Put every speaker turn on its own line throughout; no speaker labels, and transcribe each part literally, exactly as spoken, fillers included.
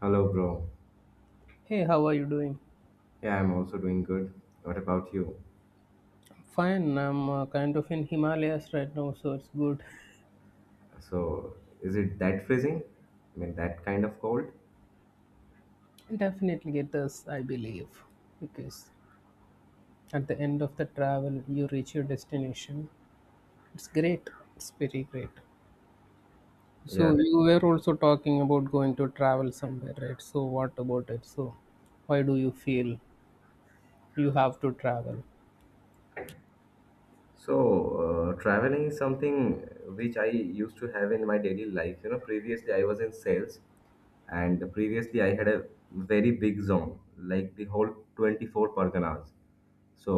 Hello, bro.
Hey, how are you doing?
Yeah, I'm also doing good. What about you?
Fine, I'm uh, kind of in Himalayas right now, so it's good.
So, is it that freezing? I mean, that kind of cold?
Definitely get this, I believe, because at the end of the travel, you reach your destination. It's great, it's very great.
Yeah.
So, you were also talking about going to travel somewhere, right? So, what about it? So, why do you feel you have to travel?
So, uh, traveling is something which I used to have in my daily life. You know, previously I was in sales, and previously I had a very big zone, like the whole twenty-four Parganas. So,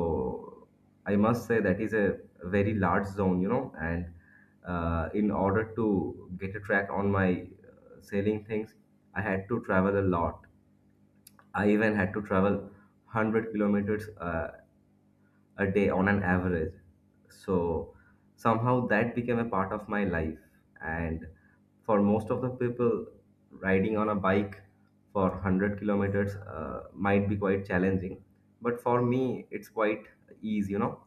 I must say that is a very large zone, you know. And uh, In order to get a track on my uh, selling things, I had to travel a lot. I even had to travel one hundred kilometers uh, a day on an average. So somehow that became a part of my life. And for most of the people, riding on a bike for one hundred kilometers uh, might be quite challenging. But for me, it's quite easy, you know.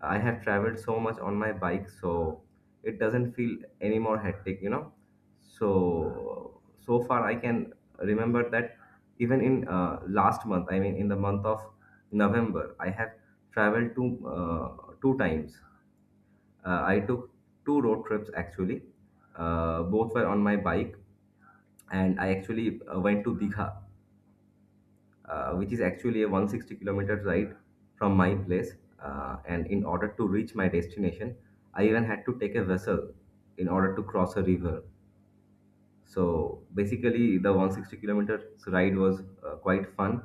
I have traveled so much on my bike, so it doesn't feel any more hectic, you know. So, so far I can remember that even in uh, last month, I mean in the month of November, I have traveled two uh, two times. Uh, I took two road trips actually. Uh, both were on my bike, and I actually uh, went to Digha, uh, which is actually a one hundred sixty kilometer ride from my place. Uh, and in order to reach my destination, I even had to take a vessel in order to cross a river. So basically, the one hundred sixty kilometers ride was uh, quite fun,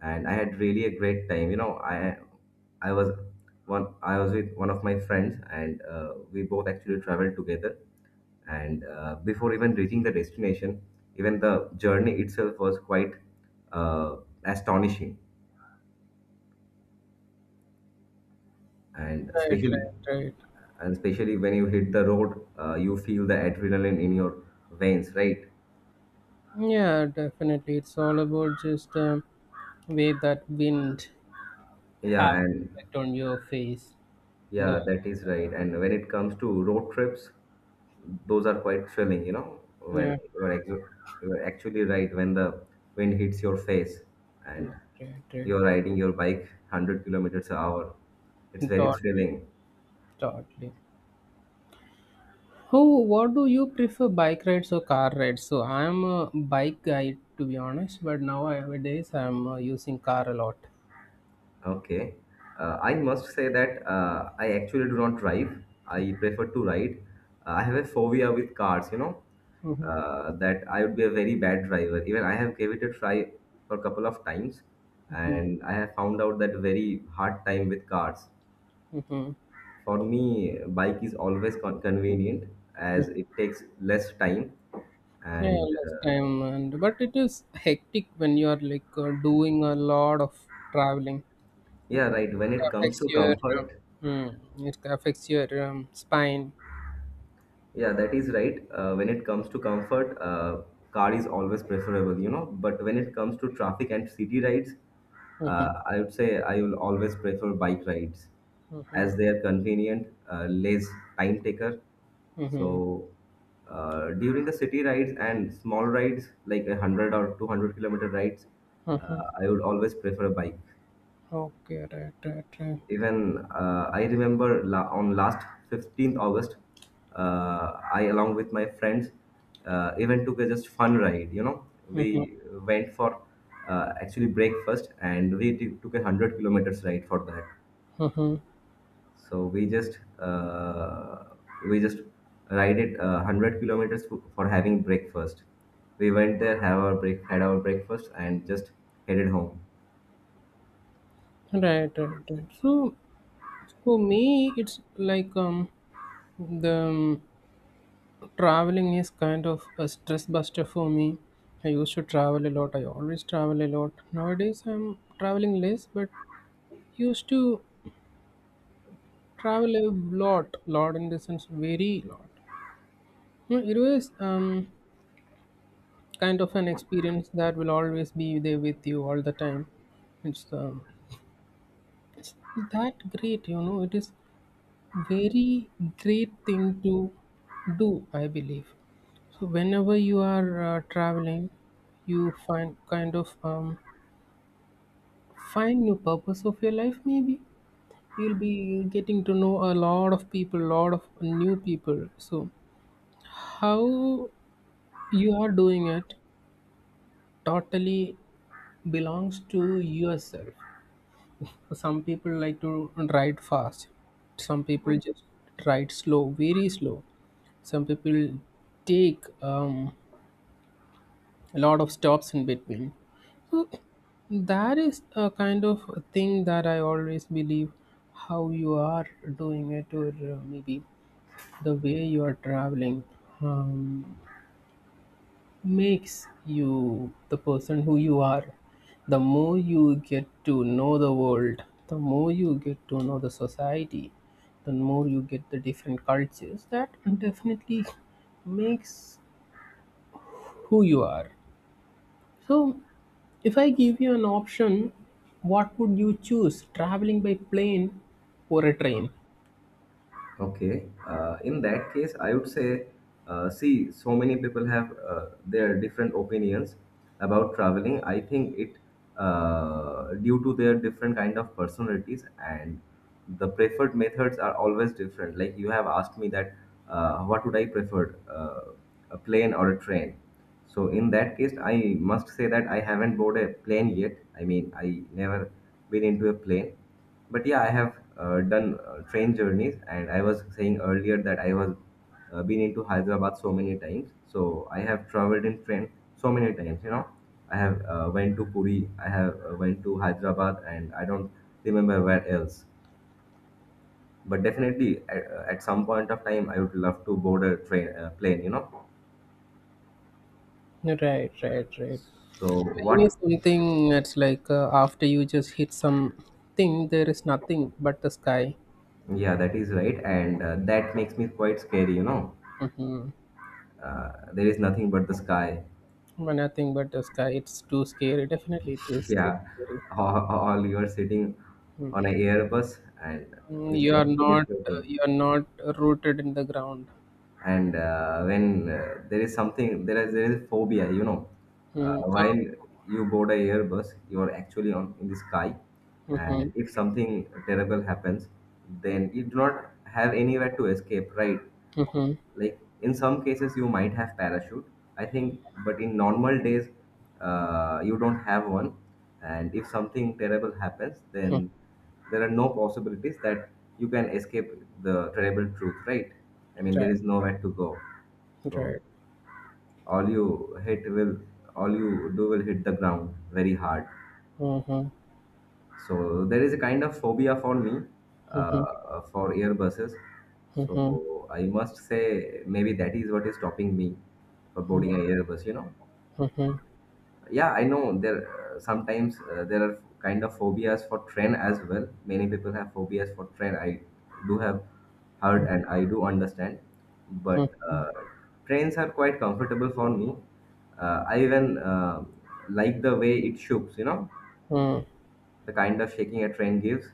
and I had really a great time. You know, I I was one I was with one of my friends, and uh, we both actually traveled together. And uh, Before even reaching the destination, even the journey itself was quite uh, astonishing, and
Right, right,
especially
right.
and especially when you hit the road, uh, you feel the adrenaline in your veins, right?
Yeah, definitely. It's all about just um, way that wind
Yeah,
have
and
effect on your face. The
yeah, that is right. And when it comes to road trips, those are quite thrilling, you know,
yeah,
when you are, ex- you are actually right, when the wind hits your face and
yeah, right, right.
you're riding your bike one hundred kilometers an hour, it's very
Totally,
thrilling.
totally. Who, what do you prefer, bike rides or car rides? So I'm a bike guy to be honest, but now nowadays I'm uh, using car a lot.
Okay. Uh, I must say that uh, I actually do not drive. I prefer to ride. Uh, I have a phobia with cars, you know,
Mm-hmm,
uh, that I would be a very bad driver. Even I have gave it a try for a couple of times,
mm-hmm.
and I have found out that very hard time with cars.
Mm-hmm.
For me, bike is always con- convenient as it takes less time.
Yeah,
And
less
uh,
time, and but it is hectic when you are like uh, doing a lot of traveling.
Yeah, right. When it
It
comes
affects
to
your, uh,
comfort,
mm, it affects your um, spine.
yeah, that is right. Uh, when it comes to comfort, uh, car is always preferable, you know. But when it comes to traffic and city rides,
Mm-hmm,
uh, I would say I will always prefer bike rides
mm-hmm,
as they are convenient, uh, less time taker.
mm-hmm.
So uh, during the city rides and small rides like a hundred or two hundred kilometer rides,
Mm-hmm.
uh, I would always prefer a bike.
Okay, right, right, right.
Even uh, I remember la- on last fifteenth August, uh, I along with my friends uh, even took a just fun ride. You know,
Mhm,
we went for uh, actually breakfast and we t- took a hundred kilometers ride for that.
mhm.
So we just uh, we just ride it uh, hundred kilometers f- for having breakfast. We went there, have our break, had our breakfast, and just headed home.
Right, right, right. So for me, it's like um, the um, traveling is kind of a stress buster for me. I used to travel a lot. I always travel a lot. Nowadays, I'm traveling less, but used to travel a lot, lot in the sense very lot. Yeah, it was um, kind of an experience that will always be there with you all the time. It's um, that great, you know. It is very great thing to do, I believe. So whenever you are uh, traveling, you find kind of um, find new purpose of your life. Maybe you'll be getting to know a lot of people, lot of new people. So how you are doing it totally belongs to yourself. Some people like to ride fast, some people just ride slow, very slow. Some people take um, a lot of stops in between. So that is a kind of a thing that I always believe. How you are doing it, or uh, maybe the way you are traveling um, makes you the person who you are. The more you get to know the world, the more you get to know the society, the more you get the different cultures, that definitely makes who you are. So, if I give you an option, what would you choose? Traveling by plane or a train?
Okay. Uh, in that case, I would say, uh, see, so many people have uh, their different opinions about traveling. I think it uh, due to their different kind of personalities and the preferred methods are always different. Like you have asked me that, uh, what would I prefer, uh, a plane or a train? So in that case, I must say that I haven't boarded a plane yet. I mean, I never been into a plane but yeah, I have uh, done uh, train journeys, and I was saying earlier that I was uh, been into Hyderabad so many times. So I have traveled in train so many times. You know, I have uh, went to Puri, I have uh, went to Hyderabad, and I don't remember where else. But definitely, at, uh, at some point of time, I would love to board a train uh, plane. You know,
Right, right, right.
so
Plane
what?
is something that's like uh, after you just hit something, there is nothing but the sky.
Yeah, that is right, and uh, that makes me quite scary. You know,
Mm-hmm.
uh, there is nothing but the sky.
But nothing but the sky. It's too scary. Definitely, it is too
Yeah,
scary.
or, or you are sitting on
Mm.
an Airbus and
Mm,
which is
you are
actually
not uh,
floating.
you are not rooted in the ground.
And uh, When uh, there is something, there is there is phobia, you know. Uh,
Mm. So,
while you board a Airbus, you are actually on in the sky,
mm-hmm.
and if something terrible happens, then you do not have anywhere to escape, right?
Mm-hmm.
Like in some cases you might have parachute. I think but in normal days uh, you don't have one, and if something terrible happens, then there are no possibilities that you can escape the terrible truth, right? I mean,
Right,
there is nowhere to go. So
right.
all you hit will all you do will hit the ground very hard.
Mm-hmm.
So there is a kind of phobia for me,
Mm-hmm.
uh, for airbuses.
Mm-hmm.
So I must say maybe that is what is stopping me for boarding an airbus. You know,
Mhm,
yeah, I know there uh, sometimes uh, there are kind of phobias for train as well. Many people have phobias for train. I do have heard and I do understand, but
mhm.
uh, trains are quite comfortable for me. Uh, I even uh, like the way it shoots. You know,
Mhm.
the kind of shaking a train gives.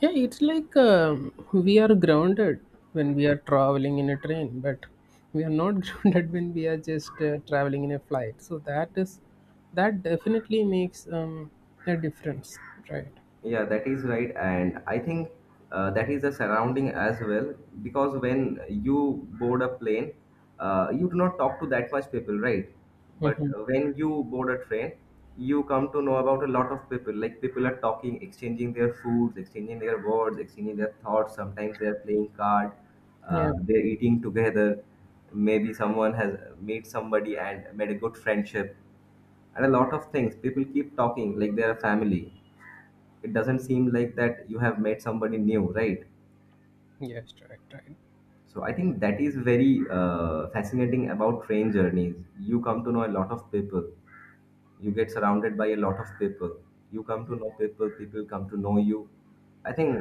Yeah, it's like um, we are grounded when we are traveling in a train, but we are not grounded when we are just uh, traveling in a flight. So that is, that definitely makes um, a difference, right?
Yeah, that is right. And I think uh, that is the surrounding as well. Because when you board a plane, uh, you do not talk to that much people, right? But
Hmm.
when you board a train, you come to know about a lot of people. Like people are talking, exchanging their foods, exchanging their words, exchanging their thoughts. Sometimes they are playing card, uh,
Yeah.
they're eating together. Maybe someone has made somebody and made a good friendship, and a lot of things. People keep talking like they're a family. It doesn't seem like that you have met somebody new, right?
Yes, right, right.
So I think that is very uh, fascinating about train journeys. You come to know a lot of people, you get surrounded by a lot of people, you come to know people, people come to know you. I think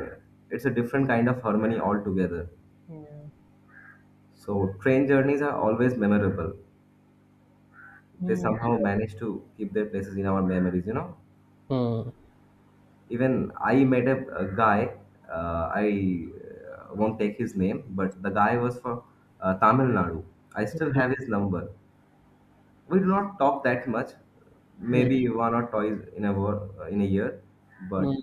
it's a different kind of harmony altogether.
Yeah.
So train journeys are always memorable. They
Mm-hmm.
somehow manage to keep their places in our memories, you know. Even I met a, a guy, uh, I uh, won't take his name, but the guy was from uh, Tamil Nadu. I still have his number. We do not talk that much,
Mm-hmm.
maybe one or twice in a wo- uh, in a year, but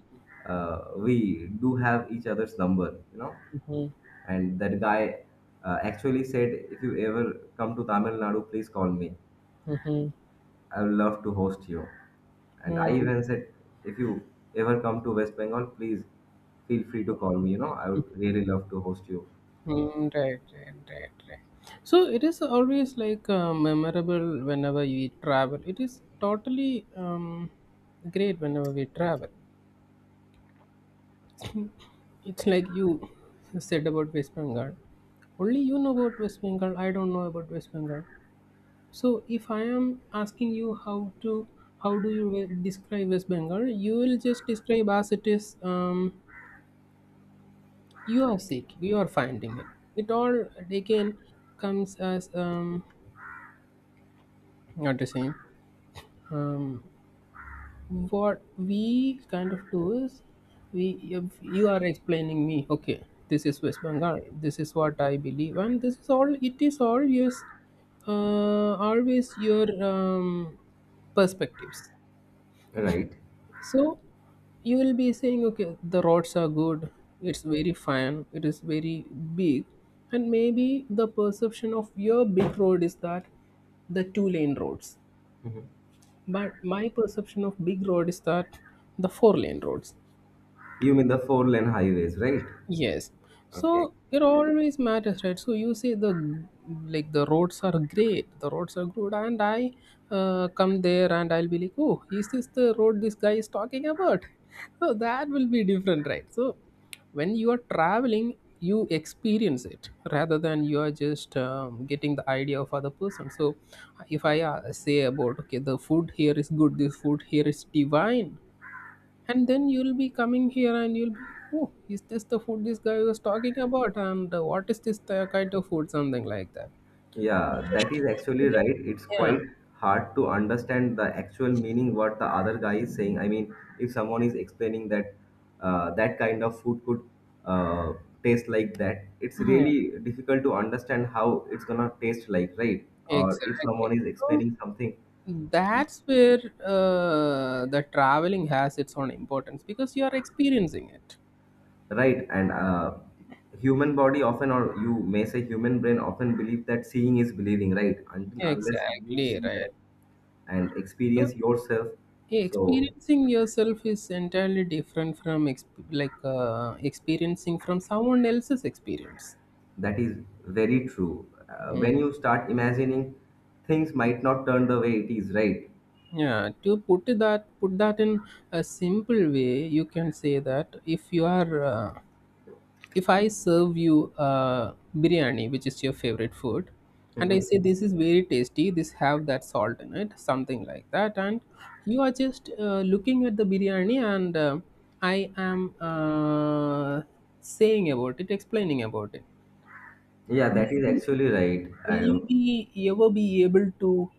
uh, we do have each other's number, you know.
Mm-hmm.
And that guy uh, actually said, if you ever come to Tamil Nadu, please call me.
Mm-hmm.
I would love to host you. And I even said, if you ever come to West Bengal, please feel free to call me. You know, I would really love to host you.
Mm, right, right, right, right. So it is always like uh, memorable whenever we travel. It is totally um, great whenever we travel. It's like you said about West Bengal. Only you know about West Bengal. I don't know about West Bengal. So if I am asking you how to, how do you will describe West Bengal, you will just describe as it is. Um, you are seeking, you are finding it. It all again comes as um, not the same. Um, what we kind of do is, we if you are explaining me. Okay, this is West Bengal. This is what I believe, and this is all. It is always, uh, always your um, perspectives.
Right.
So you will be saying, okay, the roads are good. It's very fine. It is very big, and maybe the perception of your big road is that the two lane roads,
Mhm.
but my perception of big road is that the four lane roads.
You mean the four lane highways, right?
Yes, so
Okay.
it always matters, right? So you say the, like the roads are great, the roads are good, and I uh, come there and I'll be like, oh, is this the road this guy is talking about? So that will be different, right? So when you are traveling, you experience it rather than you are just um, getting the idea of other person. So if I uh, say about, okay, the food here is good, this food here is divine. And then you'll be coming here and you'll be, oh, is this the food this guy was talking about? And uh, what is this, the kind of food? Something like that.
Yeah, that is actually
Again,
right. It's
yeah,
quite hard to understand the actual meaning what the other guy is saying. I mean, if someone is explaining that uh, that kind of food could uh, taste like that, it's
yeah,
really difficult to understand how it's gonna taste like, right? Or if someone
exactly.
is
So
explaining something,
that's where uh, the traveling has its own importance because you are experiencing it.
right? And uh, human body often, or you may say human brain often believe that seeing is believing, right? Until unless you
Exactly
see
right.
that and
So
experience yourself, so
experiencing yourself is entirely different from exp- like uh, experiencing from someone else's experience.
that is very true. Uh, when
Hmm.
you start imagining, things might not turn the way it is, right?
Yeah, to put it that put that in a simple way, you can say that if you are uh, if I serve you uh, biryani, which is your favorite food, and I
Mhm.
say, mhm, this is very tasty, this have that salt in it, something like that, and you are just uh, looking at the biryani, and uh, I am uh, saying about it, explaining about it.
Yeah,
Will
that is
you
actually right.
will
I
you
don't,
be ever be able to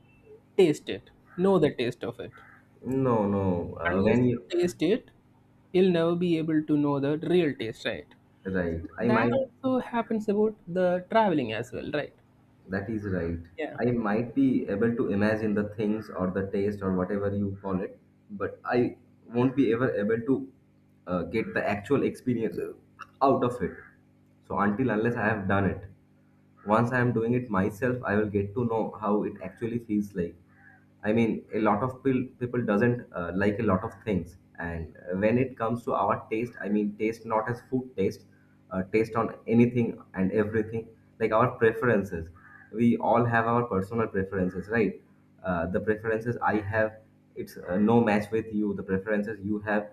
taste it, know the taste of it?
no, no. Uh,
Unless
when you
you taste it, you'll never be able to know the real taste, right?
Right,
So
I
that
might.
also happens about the traveling as well, right?
That is right.
Yeah,
I might be able to imagine the things or the taste or whatever you call it, but I won't be ever able to uh, get the actual experience out of it. So until unless I have done it, once I am doing it myself, I will get to know how it actually feels like. I mean, a lot of pil- people doesn't uh, like a lot of things, and uh, when it comes to our taste, I mean, taste not as food taste, uh, taste on anything and everything, like our preferences. We all have our personal preferences, right? Uh, the preferences I have, it's uh, no match with you. The preferences you have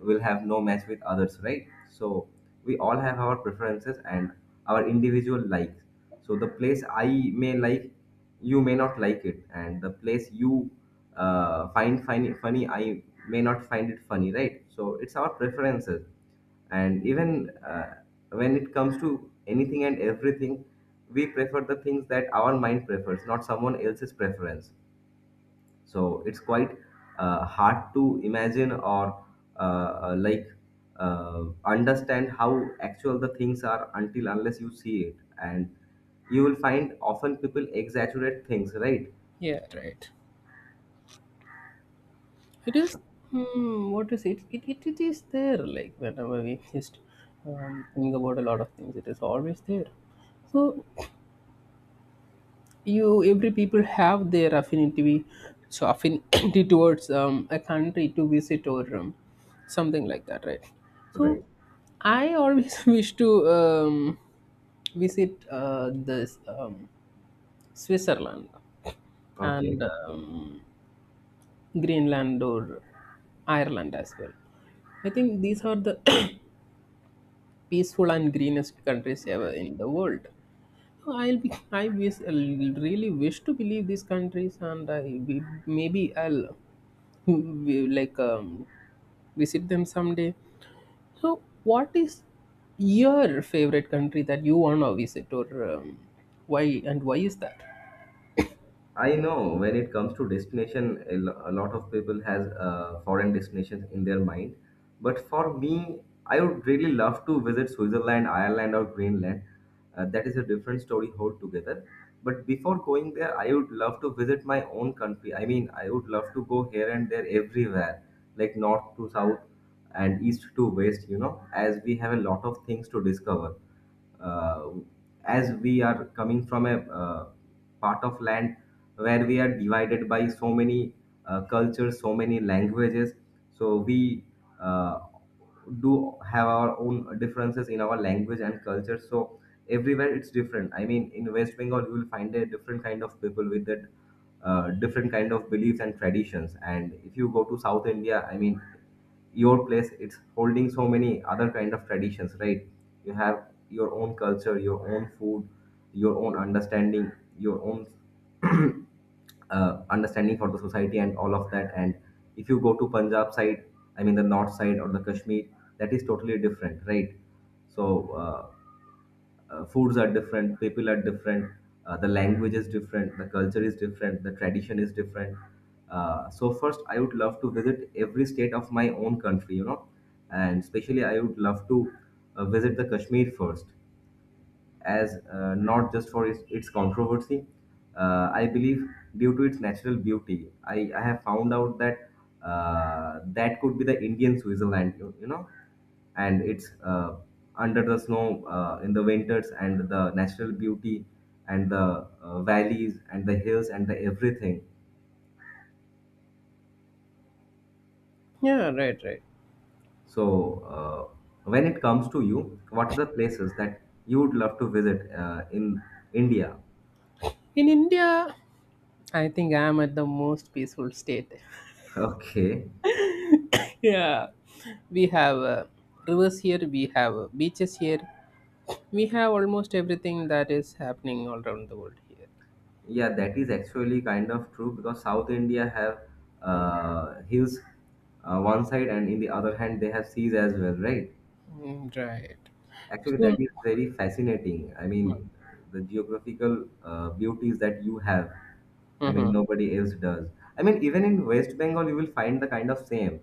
will have no match with others, right? So we all have our preferences and our individual likes. So the place I may like you may not like it, and the place you uh, find find funny I may not find it funny, right? So it's our preferences. And even uh, when it comes to anything and everything, we prefer the things that our mind prefers, not someone else's preference. So it's quite uh, hard to imagine or uh, uh, like uh, understand how actual the things are until unless you see it. And you will find often people exaggerate things, right?
yeah, right. It is, hmm, what is it? It, it, it is there, like whenever we just um, think about a lot of things, it is always there. So you, every people have their affinity. So affinity towards um, a country to visit, or um, something like that, right? So
Right.
I always wish to um, visit uh, this um, Switzerland and
Okay,
um, Greenland or Ireland as well. I think these are the peaceful and greenest countries ever in the world. I'll be, I wish, I really wish to believe these countries, and I will- maybe I'll will, like um, visit them someday. So, what is your favorite country that you wanna visit, or um, why, and why is that?
I know when it comes to destination, a lo- a lot of people has uh, foreign destinations in their mind. But for me, I would really love to visit Switzerland, Ireland, or Greenland. Uh, that is a different story altogether. But before going there, I would love to visit my own country. I mean, I would love to go here and there, everywhere, like north to south and east to west. You know, as we have a lot of things to discover uh, as we are coming from a uh, part of land where we are divided by so many uh, cultures, so many languages. So we uh, do have our own differences in our language and culture. So everywhere it's different. I mean, in West Bengal, you will find a different kind of people with that uh, different kind of beliefs and traditions. And if you go to South India, I mean, your place it's holding so many other kind of traditions, right? You have your own culture, your own food, your own understanding, your own uh, understanding for the society and all of that. And if you go to Punjab side, I mean the north side or the Kashmir, that is totally different, right? So uh, uh, foods are different, people are different, uh, the language is different, the culture is different, the tradition is different. Uh, so first, I would love to visit every state of my own country, you know, and especially I would love to uh, visit the Kashmir first as uh, not just for its, its controversy. Uh, I believe due to its natural beauty, I, I have found out that uh, that could be the Indian Switzerland, you, you know, and it's uh, under the snow uh, in the winters, and the natural beauty and the uh, valleys and the hills and the everything.
Yeah, right, right.
So, uh, when it comes to you, what are the places that you would love to visit uh, in India?
In India, I think I am at the most peaceful state.
Okay.
Yeah, we have uh, rivers here, we have uh, beaches here, we have almost everything that is happening all around the world here.
Yeah, that is actually kind of true because South India have uh, hills uh, one side, and in the other hand they have seas as well, right?
Mm, right.
Actually, that
So,
is very fascinating. I
mhm.
mean, the geographical uh, beauties that you have, I mean,
Mhm.
nobody else does. I mean, even in West Bengal, you will find the kind of same.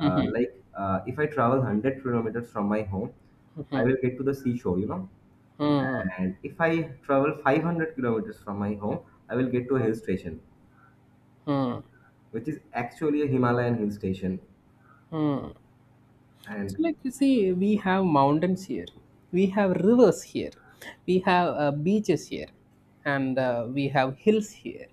Uh,
Mhm.
like, uh, if I travel one hundred kilometers from my home, I
Mhm.
will get to the seashore, you know. And if I travel five hundred kilometers from my home, I will get to a hill station,
Mhm.
which is actually a Himalayan hill station.
Mhm. So,
And
like you see, we have mountains here, we have rivers here, we have uh, beaches here, and uh, we have hills here,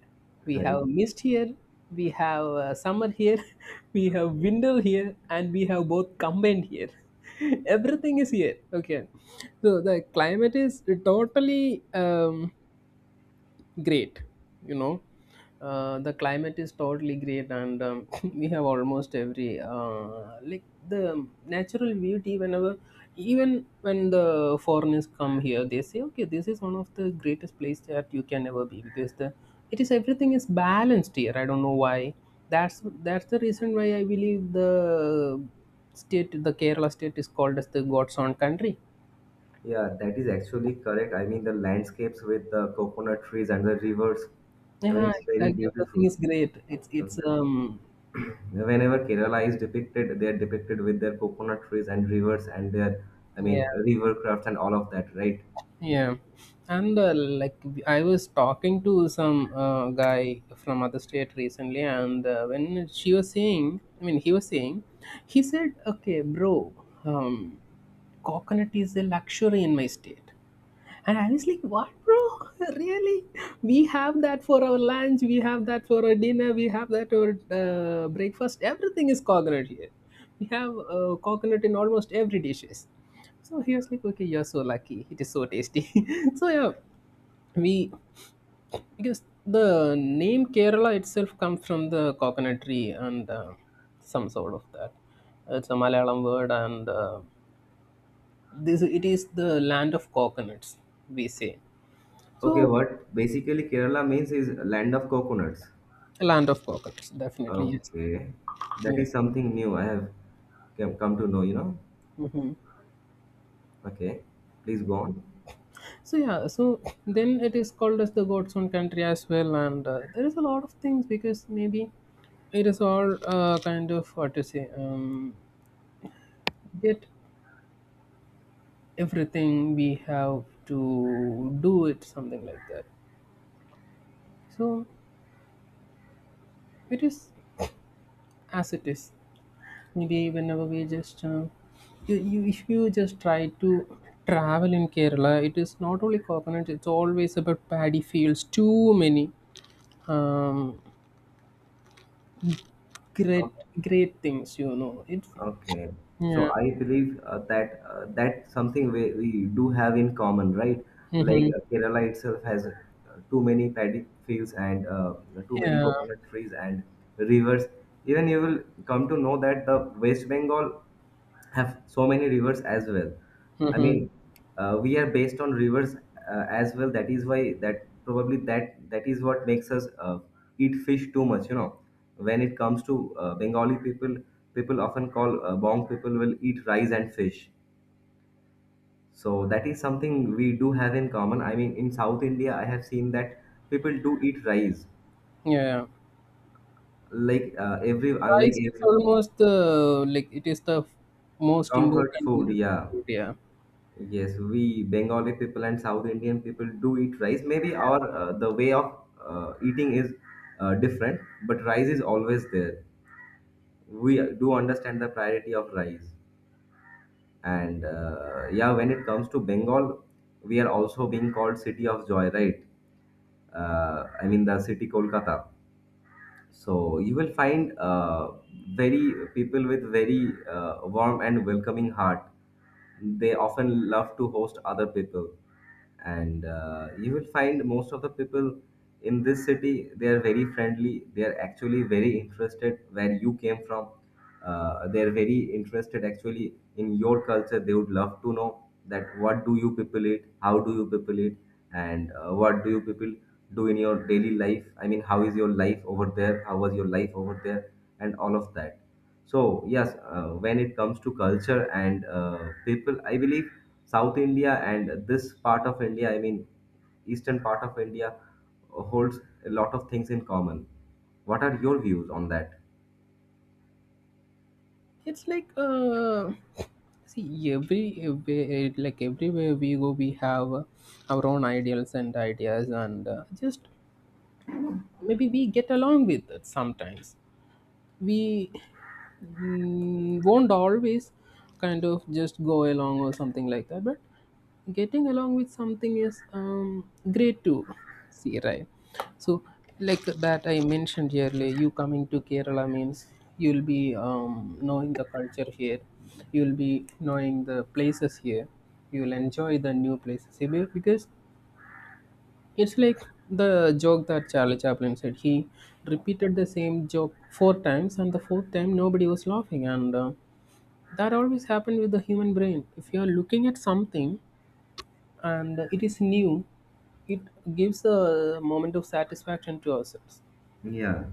we
right,
have mist here, we have uh, summer here, we have winter here, and we have both combined here. Everything is here. Okay, so the climate is totally um, great, you know. Uh, the climate is totally great, and um, we have almost every uh, like the natural beauty. Whenever, even when the foreigners come here, they say, okay, this is one of the greatest place that you can ever be, because the, it is, everything is balanced here. I don't know why. That's that's the reason why I believe the state the Kerala state is called as the God's own country.
yeah, that is actually correct. I mean, the landscapes with the coconut trees and the rivers, I mean,
Yeah,
it's very
exactly, everything
beautiful.
is great. It's it's um
Whenever Kerala is depicted, they are depicted with their coconut trees and rivers and their, I
yeah.
mean, river crafts and all of that, right?
Yeah, and uh, like w- I was talking to some uh, guy from other state recently, and uh, when she was saying, I mean, he was saying, he said, "Okay, bro, um, coconut is a luxury in my state," and I was like, "What, bro? Really? We have that for our lunch, we have that for our dinner, we have that for uh, breakfast. Everything is coconut here. We have uh, coconut in almost every dishes." So he was like, okay, you're so lucky. It is so tasty. So yeah, we, because the name Kerala itself comes from the coconut tree and uh, some sort of that. It's a Malayalam word, and uh, this it is the land of coconuts. We say
Okay,
so,
what basically Kerala means is land of coconuts.
land of coconuts. Definitely yes.
Okay, that
Yeah.
is something new I have come come to know, you know.
Mhm.
Okay, please go on.
So yeah, so then it is called as the God's own country as well, and uh, there is a lot of things, because maybe it is all uh, kind of, what to say, um, get everything we have to do it, something like that. So it is as it is. Maybe whenever we just uh, you, you if you just try to travel in Kerala, it is not only coconuts; it's always about paddy fields. Too many. Um, great great things you know It,
Okay, so
yeah,
I believe uh, that uh, that's something we, we do have in common, right? Like
hmm,
uh, Kerala itself has uh, too many paddy fields and uh, too many
yeah,
coconut trees and rivers. Even you will come to know that the West Bengal have so many rivers as well. I
hmm,
mean, uh, we are based on rivers uh, as well. That is why that probably that that is what makes us uh, eat fish too much. You know, when it comes to uh, Bengali people, people often call uh, Bong people will eat rice and fish. So that is something we do have in common. I mean, in South India, I have seen that people do eat rice,
yeah,
like uh, every unlike
rice is
every
almost the, like, it is the most
comfort
important
food. Yeah.
food, yeah.
Yes, we Bengali people and South Indian people do eat rice. Maybe our uh, the way of uh, eating is uh, different, but rice is always there. We do understand the priority of rice, and uh, yeah, when it comes to Bengal, we are also being called city of joy, right? Uh, I mean the city Kolkata. So you will find uh, very people with very uh, warm and welcoming heart. They often love to host other people, and uh, you will find most of the people in this city they are very friendly. They are actually very interested where you came from. Uh, they're very interested actually in your culture. They would love to know that what do you people eat, how do you people eat, and uh, what do you people do in your daily life. I mean, how is your life over there, how was your life over there and all of that. So yes, uh, when it comes to culture and uh, people, I believe South India and this part of India, I mean eastern part of India, holds a lot of things in common. What are your views on that?
It's like uh see, every, every like everywhere we go we have uh, our own ideals and ideas, and uh, just maybe we get along with it sometimes. We mm, won't always kind of just go along or something like that, but getting along with something is um, great to see, right? So, like that I mentioned earlier, you coming to Kerala means you'll be um, knowing the culture here, you'll be knowing the places here, you'll enjoy the new places here be- because it's like the joke that Charlie Chaplin said. He repeated the same joke four times, and the fourth time nobody was laughing. And uh, that always happened with the human brain. If you are looking at something and it is new, it gives a moment of satisfaction to ourselves.
Yeah.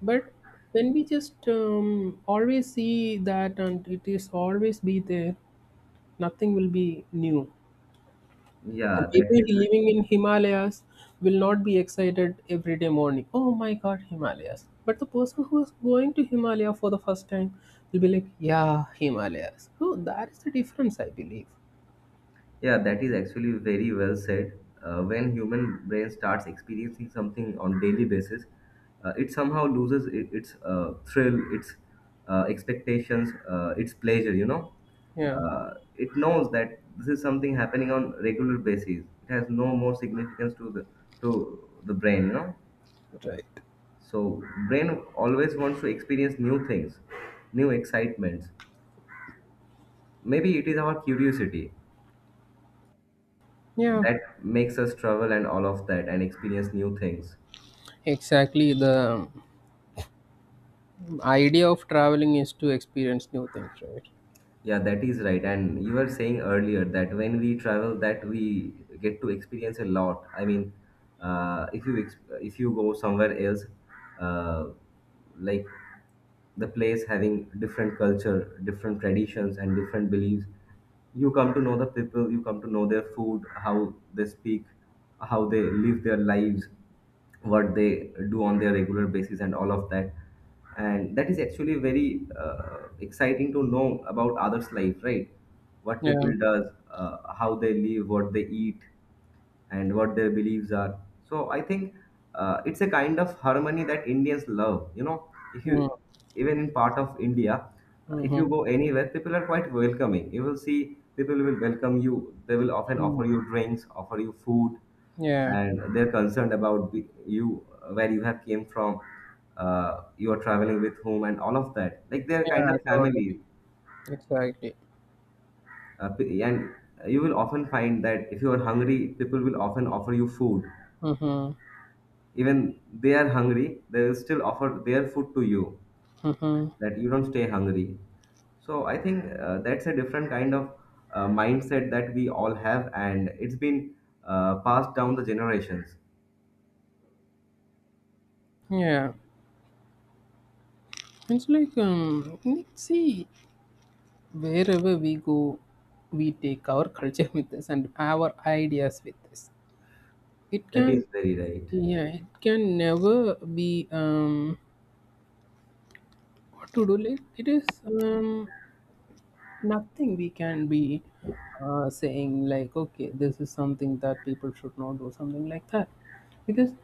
But when we just um, always see that and it is always be there, nothing will be new.
Yeah,
And
that
people
is right.
living in Himalayas will not be excited every day morning. Oh my God, Himalayas! But the person who is going to Himalaya for the first time will be like, yeah, Himalayas. So that is the difference, I believe.
Yeah, that is actually very well said. Uh, when human brain starts experiencing something on daily basis, uh, it somehow loses it, its uh, thrill, its uh, expectations, uh, its pleasure. You know,
Yeah.
uh, it knows that this is something happening on regular basis. It has no more significance to the to the brain. You know,
Right.
so brain always wants to experience new things, new excitements. Maybe it is our curiosity
Yeah,
that makes us travel and all of that and experience new things.
exactly. The um, idea of traveling is to experience new things, right?
Yeah, that is right. And you were saying earlier that when we travel that we get to experience a lot. I mean, uh, if you ex- if you go somewhere else uh, like the place having different culture, different traditions and different beliefs, you come to know the people, you come to know their food, how they speak, how they live their lives, what they do on their regular basis and all of that. And that is actually very uh, exciting to know about others life, right? What people
Yeah.
does, uh, how they live, what they eat, and what their beliefs are. So I think uh, it's a kind of harmony that Indians love. You know, if you even in part of India, uh, if you
Mm-hmm.
go anywhere people are quite welcoming, you will see people will welcome you, they will often
Hmm.
offer you drinks, offer you food,
Yeah.
and they're concerned about the- you where you have came from, uh, you are traveling with whom and all of that, like they're kind
Yeah,
of
totally.
family.
Exactly.
Uh, p- and you will often find that if you are hungry people will often offer you food.
Mm-hmm.
Even they are hungry they will still offer their food to you,
Mm-hmm.
that you don't stay hungry. So I think uh, that's a different kind of uh, mindset that we all have, and it's been uh, passed down the generations.
Yeah. It's like, um, see, wherever we go, we take our culture with us and our ideas with us. It
That
can,
is very right.
yeah, it can never be um, what to do. Like it is um, nothing we can be uh, saying like, okay, this is something that people should not do, something like that, because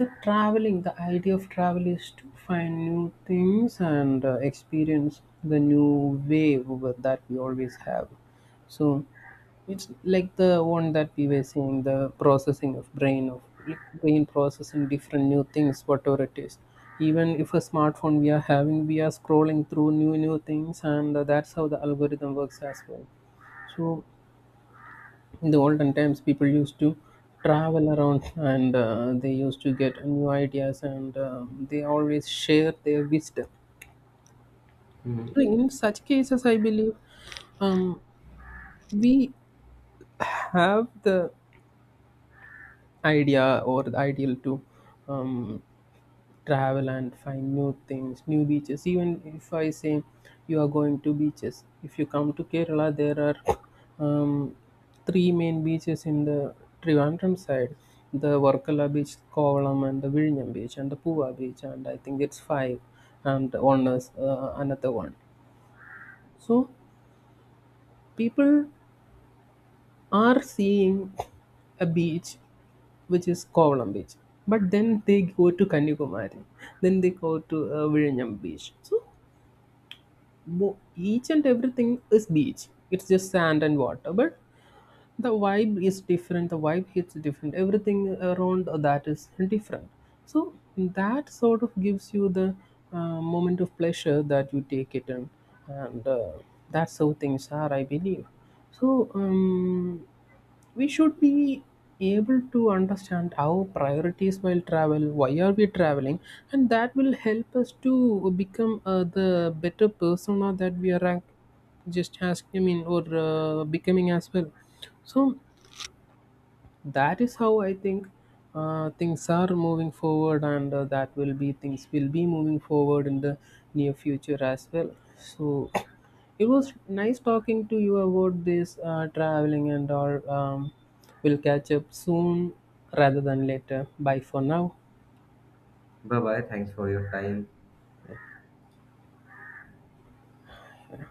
the traveling, the idea of travel is to find new things and uh, experience the new way w- that we always have. So it's like the one that we were saying, the processing of brain of, like, brain processing different new things whatever it is. Even if a smartphone we are having, we are scrolling through new new things, and uh, that's how the algorithm works as well. So in the olden times people used to travel around, and uh, they used to get new ideas, and uh, they always share their wisdom. So
Mhm.
in such cases I believe um, we have the idea or the ideal to um, travel and find new things, new beaches. Even if I say you are going to beaches, if you come to Kerala, there are um, three main beaches in the Trivandrum side: the Varkala beach, Kovalam, and the Viljam beach, and the Puva beach, and I think it's five, and one is uh, another one. So people are seeing a beach which is Kovalam beach. But then they go to Kanyakumari, then they go to uh, Viljam beach. So Bo- each and everything is beach. It's just sand and water, but the vibe is different. The vibe hits different. Everything around that is different. So that sort of gives you the uh, moment of pleasure that you take it in, and uh, that's how things are, I believe. So um, we should be able to understand our priorities while travel, why are we traveling, and that will help us to become uh, the better persona that we are act- just, as I mean, or uh, becoming as well. So that is how I think uh, things are moving forward, and uh, that will be, things will be moving forward in the near future as well. So it was nice talking to you about this uh, traveling and all. Um, we'll catch up soon rather than later. Bye for now.
Bye bye. Thanks for your time.